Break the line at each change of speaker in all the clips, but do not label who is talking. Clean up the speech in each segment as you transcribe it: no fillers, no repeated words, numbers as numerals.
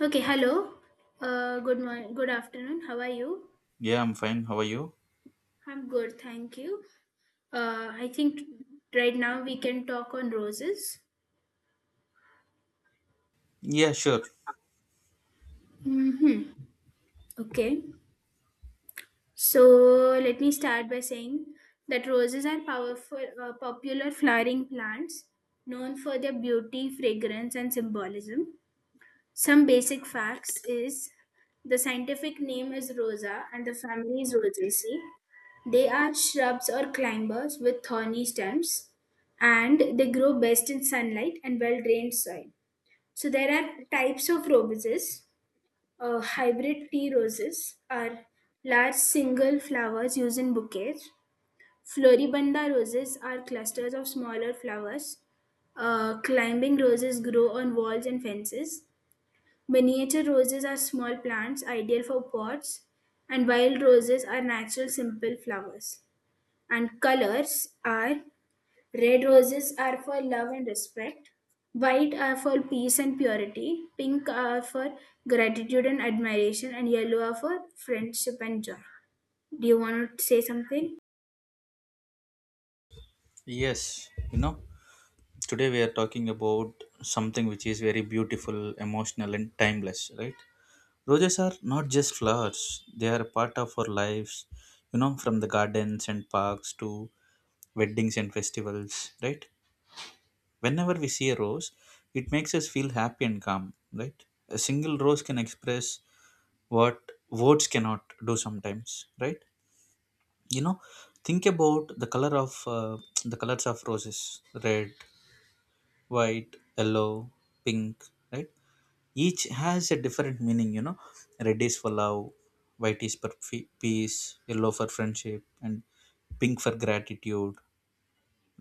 Okay, hello. Good morning, good afternoon. How are you?
Yeah, I'm fine. How are you?
I'm good, thank you. I think right now we can talk on roses.
Yeah, sure.
Mm-hmm. Okay. So let me start by saying that roses are powerful, popular flowering plants known for their beauty, fragrance, and symbolism. Some basic facts is the scientific name is Rosa and the family is Rosaceae. They are shrubs or climbers with thorny stems and they grow best in sunlight and well drained soil. So there are types of roses. Hybrid tea roses are large single flowers used in bouquets. Floribunda roses are clusters of smaller flowers. Climbing roses grow on walls and fences. Miniature roses are small plants ideal for pots, and wild roses are natural simple flowers. And colors are: red roses are for love and respect, white are for peace and purity, pink are for gratitude and admiration, and yellow are for friendship and joy. Do you want to say something?
Yes. You know, today we are talking about something which is very beautiful, emotional, and timeless, right? Roses are not just flowers, they are a part of our lives, you know, from the gardens and parks to weddings and festivals, right? Whenever we see a rose, it makes us feel happy and calm, right? A single rose can express what words cannot do sometimes, right? You know, think about the colors of roses: red, white, yellow, pink, right? Each has a different meaning, you know. Red is for love, white is for peace, yellow for friendship, and pink for gratitude,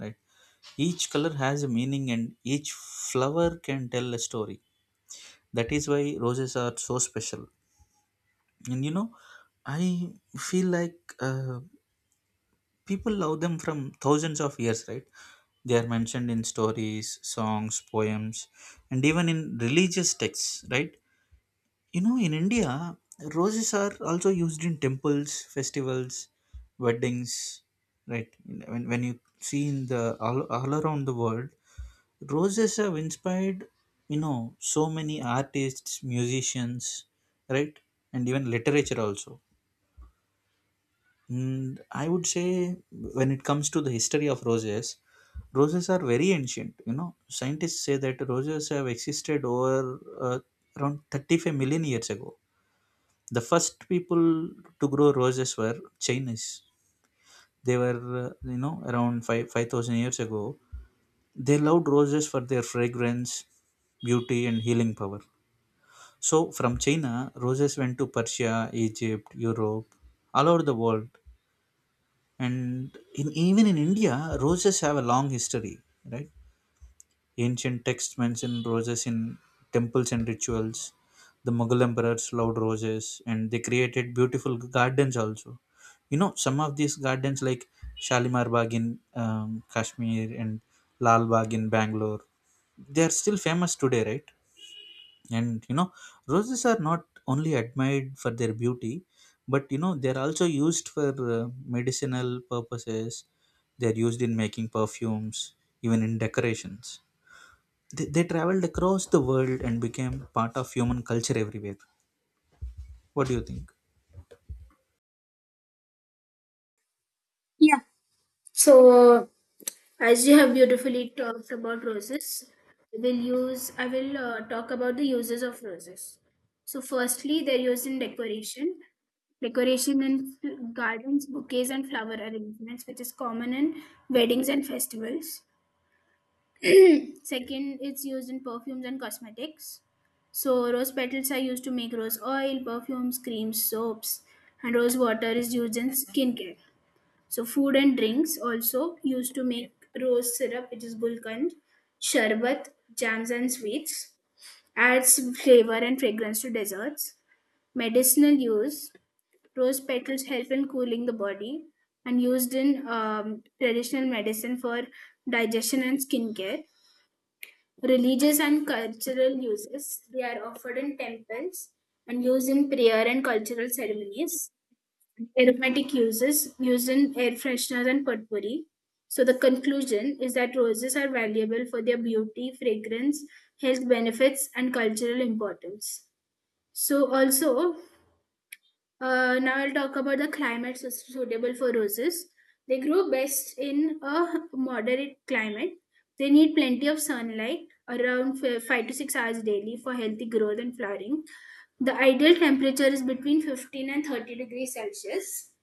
right? Each color has a meaning and each flower can tell a story. That is why roses are so special. And you know, I feel like, people love them from thousands of years, right? They are mentioned in stories, songs, poems, and even in religious texts, right? You know, in India, roses are also used in temples, festivals, weddings, right? When you see all around the world, roses have inspired, you know, so many artists, musicians, right? And even literature also. And I would say, when it comes to the history of roses, roses are very ancient. You know, scientists say that roses have existed over around 35 million years ago. The first people to grow roses were Chinese. They were, you know, around five 5,000 years ago. They loved roses for their fragrance, beauty, and healing power. So, from China, roses went to Persia, Egypt, Europe, all over the world. And in even in India, roses have a long history, right? Ancient texts mention roses in temples and rituals. The Mughal emperors loved roses and they created beautiful gardens also. You know, some of these gardens like Shalimar Bagh in Kashmir and Lal Bagh in Bangalore, they are still famous today, right? And you know, roses are not only admired for their beauty, but you know, they're also used for medicinal purposes. They're used in making perfumes, even in decorations. They traveled across the world and became part of human culture everywhere. What do you think?
Yeah. So as you have beautifully talked about roses, I will talk about the uses of roses. So firstly, they're used in decoration, decoration in gardens, bouquets, and flower arrangements, which is common in weddings and festivals. Second, it's used in perfumes and cosmetics. So rose petals are used to make rose oil, perfumes, creams, soaps, and rose water is used in skincare. So food and drinks also used to make rose syrup, which is gulkand, sherbet, jams and sweets, adds flavor and fragrance to desserts. Medicinal use: rose petals help in cooling the body and used in traditional medicine for digestion and skincare. Religious and cultural uses: they are offered in temples and used in prayer and cultural ceremonies, aromatic uses using air fresheners and potpourri. So the conclusion is that roses are valuable for their beauty, fragrance, health benefits, and cultural importance. So also, now I'll talk about the climates suitable for roses. They grow best in a moderate climate. They need plenty of sunlight, around 5 to 6 hours daily for healthy growth and flowering. The ideal temperature is between 15 and 30 degrees Celsius.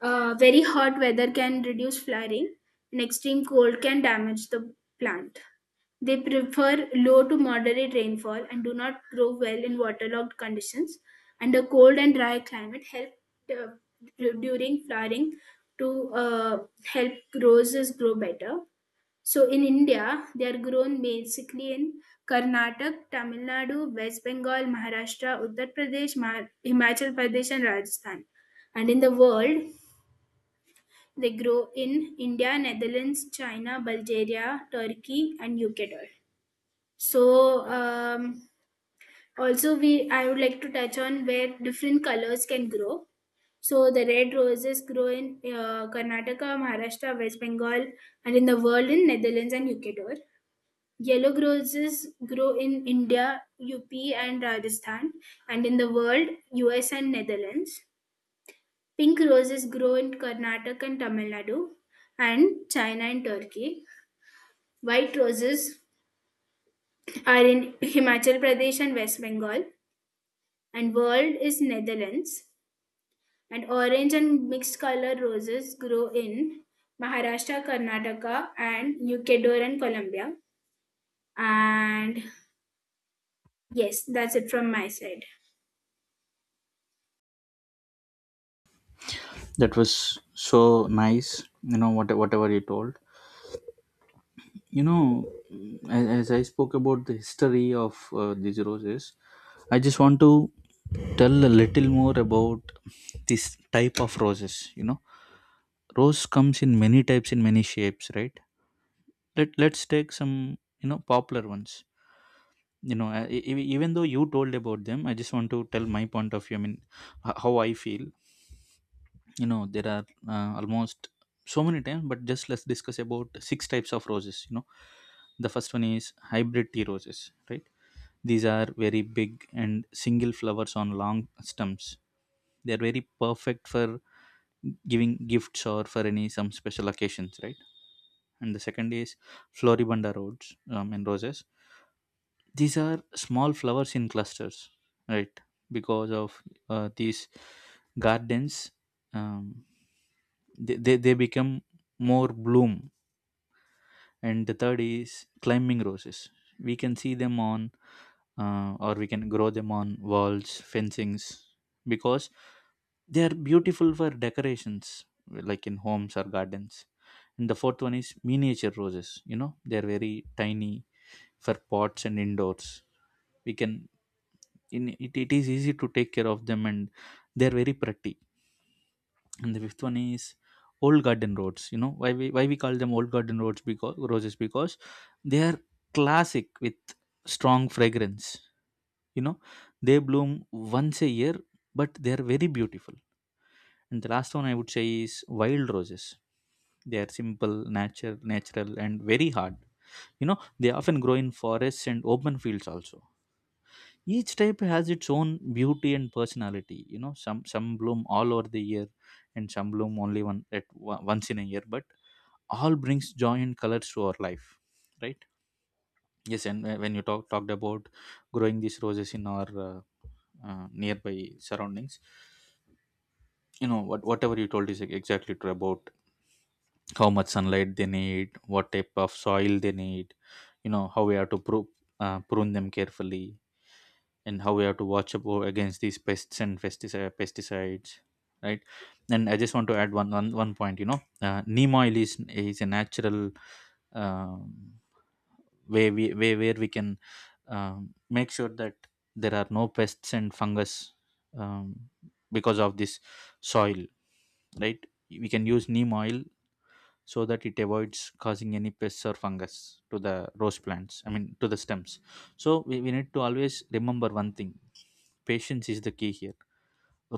Very hot weather can reduce flowering, and extreme cold can damage the plant. They prefer low to moderate rainfall and do not grow well in waterlogged conditions, and a cold and dry climate help uh, during flowering to help roses grow better. So in India, they are grown basically in Karnataka, Tamil Nadu, West Bengal, Maharashtra, Uttar Pradesh, Himachal Pradesh, and Rajasthan. And in the world, they grow in India, Netherlands, China, Bulgaria, Turkey, and UK. So also we I would like to touch on where different colors can grow. So the red roses grow in Karnataka, Maharashtra, West Bengal, and in the world in Netherlands and Ecuador. Yellow roses grow in India, UP, and Rajasthan, and in the world US and Netherlands. Pink roses grow in Karnataka and Tamil Nadu, and China and Turkey. White roses are in Himachal Pradesh and West Bengal and world is Netherlands. And orange and mixed color roses grow in Maharashtra, Karnataka, and Ecuador and Colombia. And yes, that's it from my side.
That was so nice, you know, whatever you told. You know, as I spoke about the history of these roses, I just want to tell a little more about this type of roses. You know, rose comes in many types, in many shapes, right? Let's take some, you know, popular ones. You know, even though you told about them, I just want to tell my point of view, I mean, how I feel. You know, there are, almost so many times, but just let's discuss about six types of roses, you know. The first one is hybrid tea roses, right? These are very big and single flowers on long stems. They are very perfect for giving gifts or for any some special occasions, right? And the second is floribunda roses, and roses these are small flowers in clusters, right? Because of these gardens, um, they become more bloom. And the third is climbing roses. We can see them on, or we can grow them on walls, fencings, because they are beautiful for decorations like in homes or gardens. And the fourth one is miniature roses. You know, they are very tiny, for pots and indoors. We can in it, it is easy to take care of them and they are very pretty. And the fifth one is old garden roads. You know, why we call them old garden roads because roses because they are classic with strong fragrance. You know, they bloom once a year, but they are very beautiful. And the last one I would say is wild roses. They are simple, natural, and very hard. You know, they often grow in forests and open fields also. Each type has its own beauty and personality. You know, some bloom all over the year, and some bloom only once in a year. But all brings joy and colors to our life, right? Yes, and when you talked about growing these roses in our nearby surroundings, you know, whatever you told is exactly true about how much sunlight they need, what type of soil they need, you know, how we have to prune, prune them carefully, and how we have to against these pests and pesticides, right? And I just want to add one point, you know. Neem oil is a natural, um, way where we can, make sure that there are no pests and fungus, um, because of this soil, right? We can use neem oil so that it avoids causing any pests or fungus to the rose plants, I mean to the stems. So we need to always remember one thing: patience is the key here.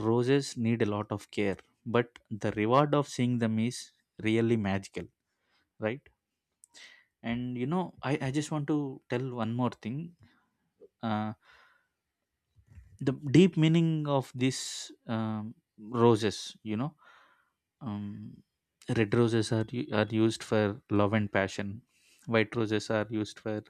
Roses need a lot of care, but the reward of seeing them is really magical, right? And you know, I just want to tell one more thing, uh, the deep meaning of these, roses. You know, um, red roses are used for love and passion. White roses are used for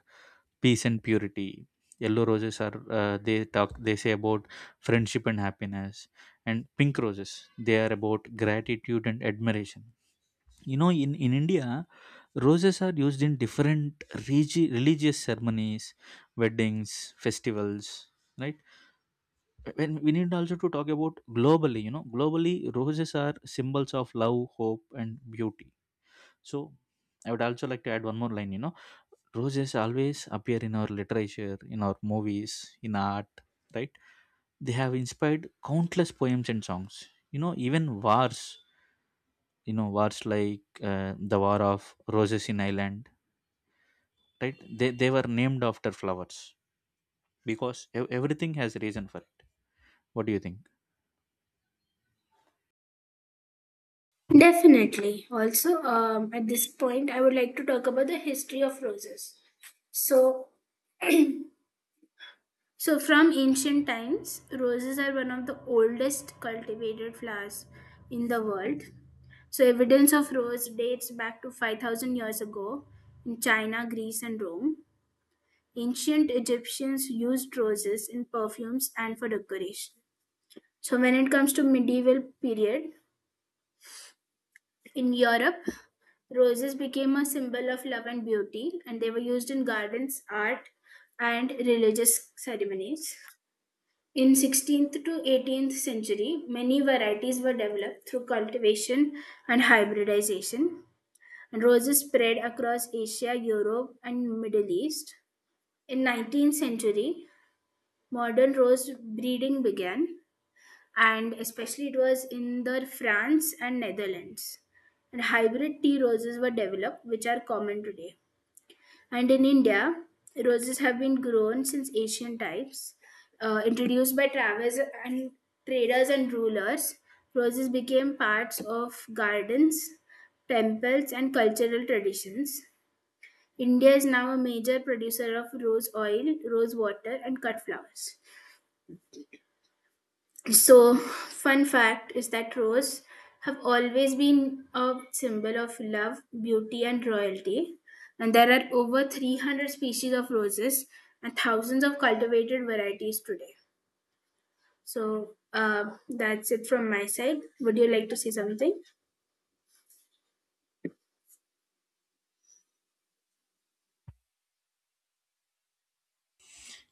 peace and purity. Yellow roses are, they say about friendship and happiness. And pink roses, they are about gratitude and admiration. You know, in India, roses are used in different religious ceremonies, weddings, festivals, right? When we need also to talk about globally, you know, globally, roses are symbols of love, hope, and beauty. So I would also like to add one more line. You know, roses always appear in our literature, in our movies, in art, right? They have inspired countless poems and songs. You know, even wars, you know, wars like, the War of Roses in Ireland, right? They were named after flowers because everything has a reason for it. What do you think?
Definitely. Also, at this point, I would like to talk about the history of roses. So, so from ancient times, roses are one of the oldest cultivated flowers in the world. So, evidence of rose dates back to 5,000 years ago in China, Greece, and Rome. Ancient Egyptians used roses in perfumes and for decoration. So, when it comes to medieval period in Europe, roses became a symbol of love and beauty, and they were used in gardens, art, and religious ceremonies. In 16th to 18th century, many varieties were developed through cultivation and hybridization, and roses spread across Asia, Europe, and Middle East. In 19th century, modern rose breeding began, and especially it was in the France and Netherlands. And hybrid tea roses were developed, which are common today. And in India, roses have been grown since ancient times, introduced by travelers and traders and rulers. Roses became parts of gardens, temples, and cultural traditions. India is now a major producer of rose oil, rose water, and cut flowers. So, fun fact is that rose have always been a symbol of love, beauty, and royalty. And there are over 300 species of roses and thousands of cultivated varieties today. So, that's it from my side. Would you like to say something?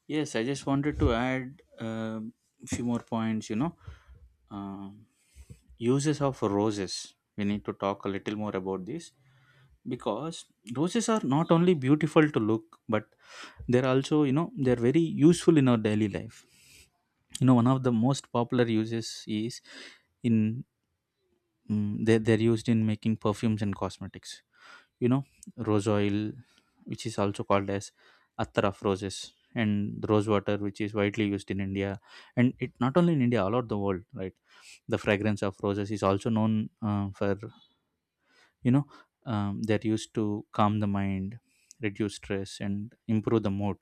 Yes, I just wanted to add a few more points. You know, Um uses of roses. We need to talk a little more about this because roses are not only beautiful to look, but they're also, you know, they're very useful in our daily life. You know, one of the most popular uses is in, they're used in making perfumes and cosmetics. You know, rose oil, which is also called as attar of roses, and rose water, which is widely used in India. And it, not only in India, all over the world, right? The fragrance of roses is also known, for, you know, they're used to calm the mind, reduce stress and improve the mood.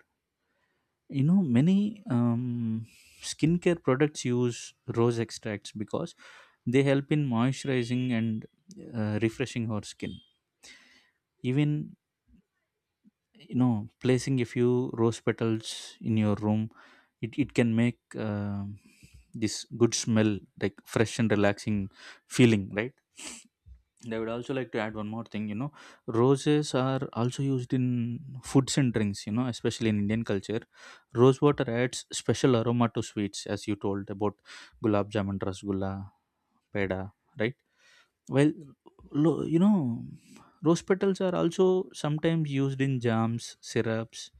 You know, many, skincare products use rose extracts because they help in moisturizing and refreshing our skin. Even, you know, placing a few rose petals in your room, it can make, this good smell, like fresh and relaxing feeling, right? And I would also like to add one more thing. You know, roses are also used in foods and drinks. You know, especially in Indian culture, rose water adds special aroma to sweets, as you told about gulab jamun, rasgulla, peda, right? Well, you know, rose petals are also sometimes used in jams, syrups,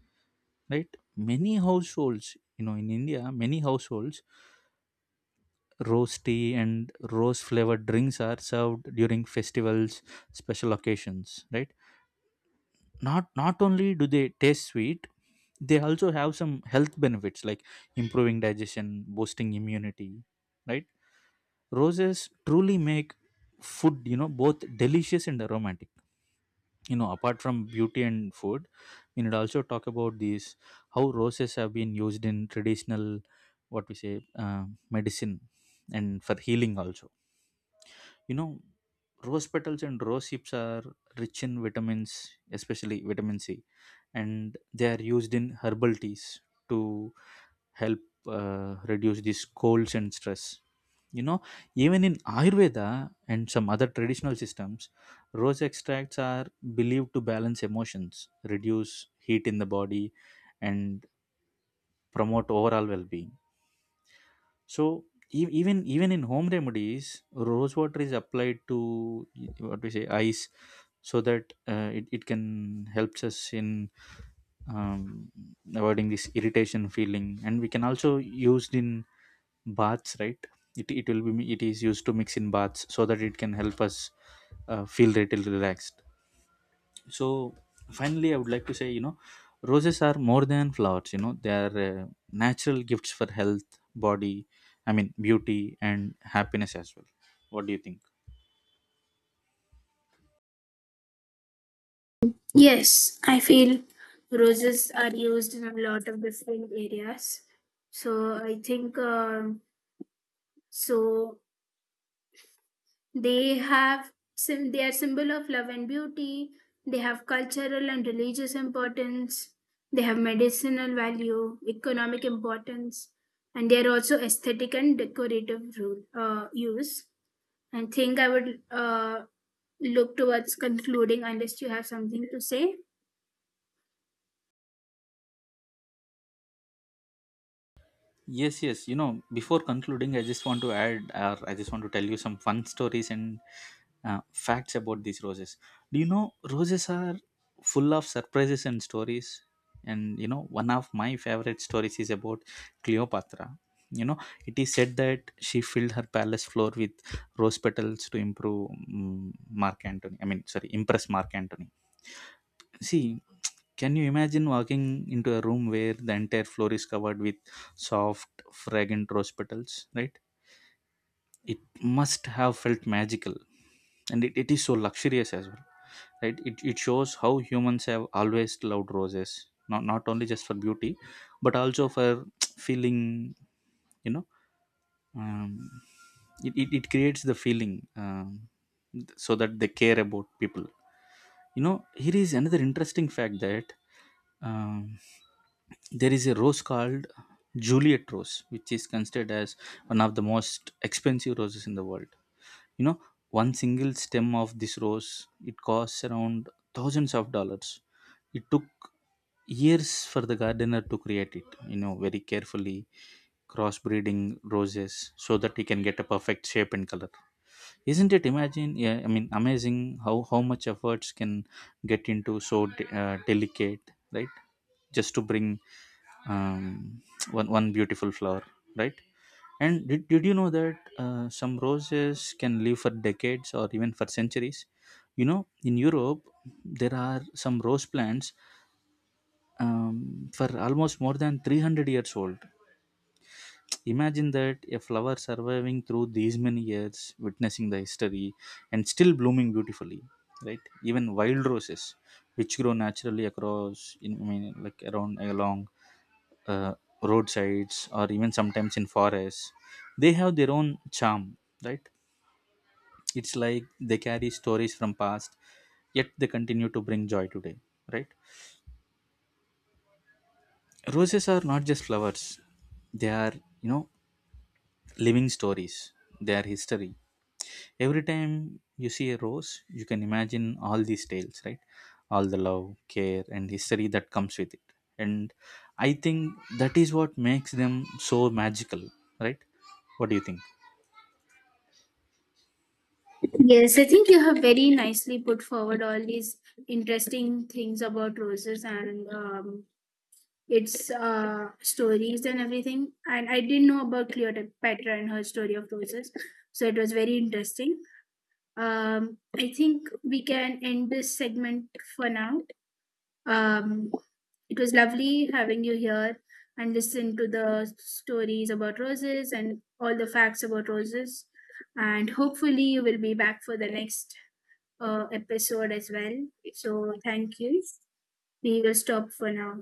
right? Many households, you know, in India, many households, rose tea and rose flavored drinks are served during festivals, special occasions, right? Not only do they taste sweet, they also have some health benefits like improving digestion, boosting immunity, right? Roses truly make food, you know, both delicious and aromatic. You know, apart from beauty and food, we need also talk about these, how roses have been used in traditional, what we say, medicine and for healing also. You know, rose petals and rose hips are rich in vitamins, especially vitamin C, and they are used in herbal teas to help, reduce these colds and stress. You know, even in Ayurveda and some other traditional systems, rose extracts are believed to balance emotions, reduce heat in the body, and promote overall well being. So, even in home remedies, rose water is applied to what we say eyes, so that, it can helps us in, um, avoiding this irritation feeling, and we can also used in baths, right? It will be it is used to mix in baths so that it can help us, feel little relaxed. So finally I would like to say, you know, roses are more than flowers. You know, they are, natural gifts for health, body, I mean beauty and happiness as well. What do you think?
Yes, I feel roses are used in a lot of different areas. So I think so they have they are symbol of love and beauty. They have cultural and religious importance. They have medicinal value, economic importance, and they are also aesthetic and decorative use. I think I would look towards concluding unless you have something to say.
Yes, yes. You know, before concluding, I just want to tell you some fun stories and, facts about these roses. Do you know roses are full of surprises and stories? And you know, one of my favorite stories is about Cleopatra. You know, it is said that she filled her palace floor with rose petals to improve, Mark Antony. I mean, sorry, impress Mark Antony. See, can you imagine walking into a room where the entire floor is covered with soft, fragrant rose petals, right? It must have felt magical, and it is so luxurious as well, right? It shows how humans have always loved roses, not only just for beauty, but also for feeling, you know, um, it creates the feeling, so that they care about people. You know, here is another interesting fact that, Um, there is a rose called Juliet rose, which is considered as one of the most expensive roses in the world. You know, one single stem of this rose, it costs around thousands of dollars. It took years for the gardener to create it. You know, very carefully crossbreeding roses so that he can get a perfect shape and color. Isn't it? Imagine, yeah, I mean, amazing how much efforts can get into so, delicate, right? Just to bring, um, one beautiful flower, right? And did you know that, some roses can live for decades or even for centuries? You know, in Europe, there are some rose plants, for almost more than 300 years old. Imagine that, a flower surviving through these many years, witnessing the history and still blooming beautifully, right? Even wild roses, which grow naturally across I mean like around, along, uh, roadsides or even sometimes in forests, they have their own charm, right? It's like they carry stories from past, yet they continue to bring joy today, right? Roses are not just flowers, they are, you know, living stories, they are history. Every time you see a rose, you can imagine all these tales, right? All the love, care, and history that comes with it. And I think that is what makes them so magical, right? What do you think?
Yes, I think you have very nicely put forward all these interesting things about roses and its stories and everything. And I didn't know about Cleopatra and her story of roses, so it was very interesting. I think we can end this segment for now. Um, it was lovely having you here and listen to the stories about roses and all the facts about roses. And hopefully, you will be back for the next episode as well. So, thank you. We will stop for now.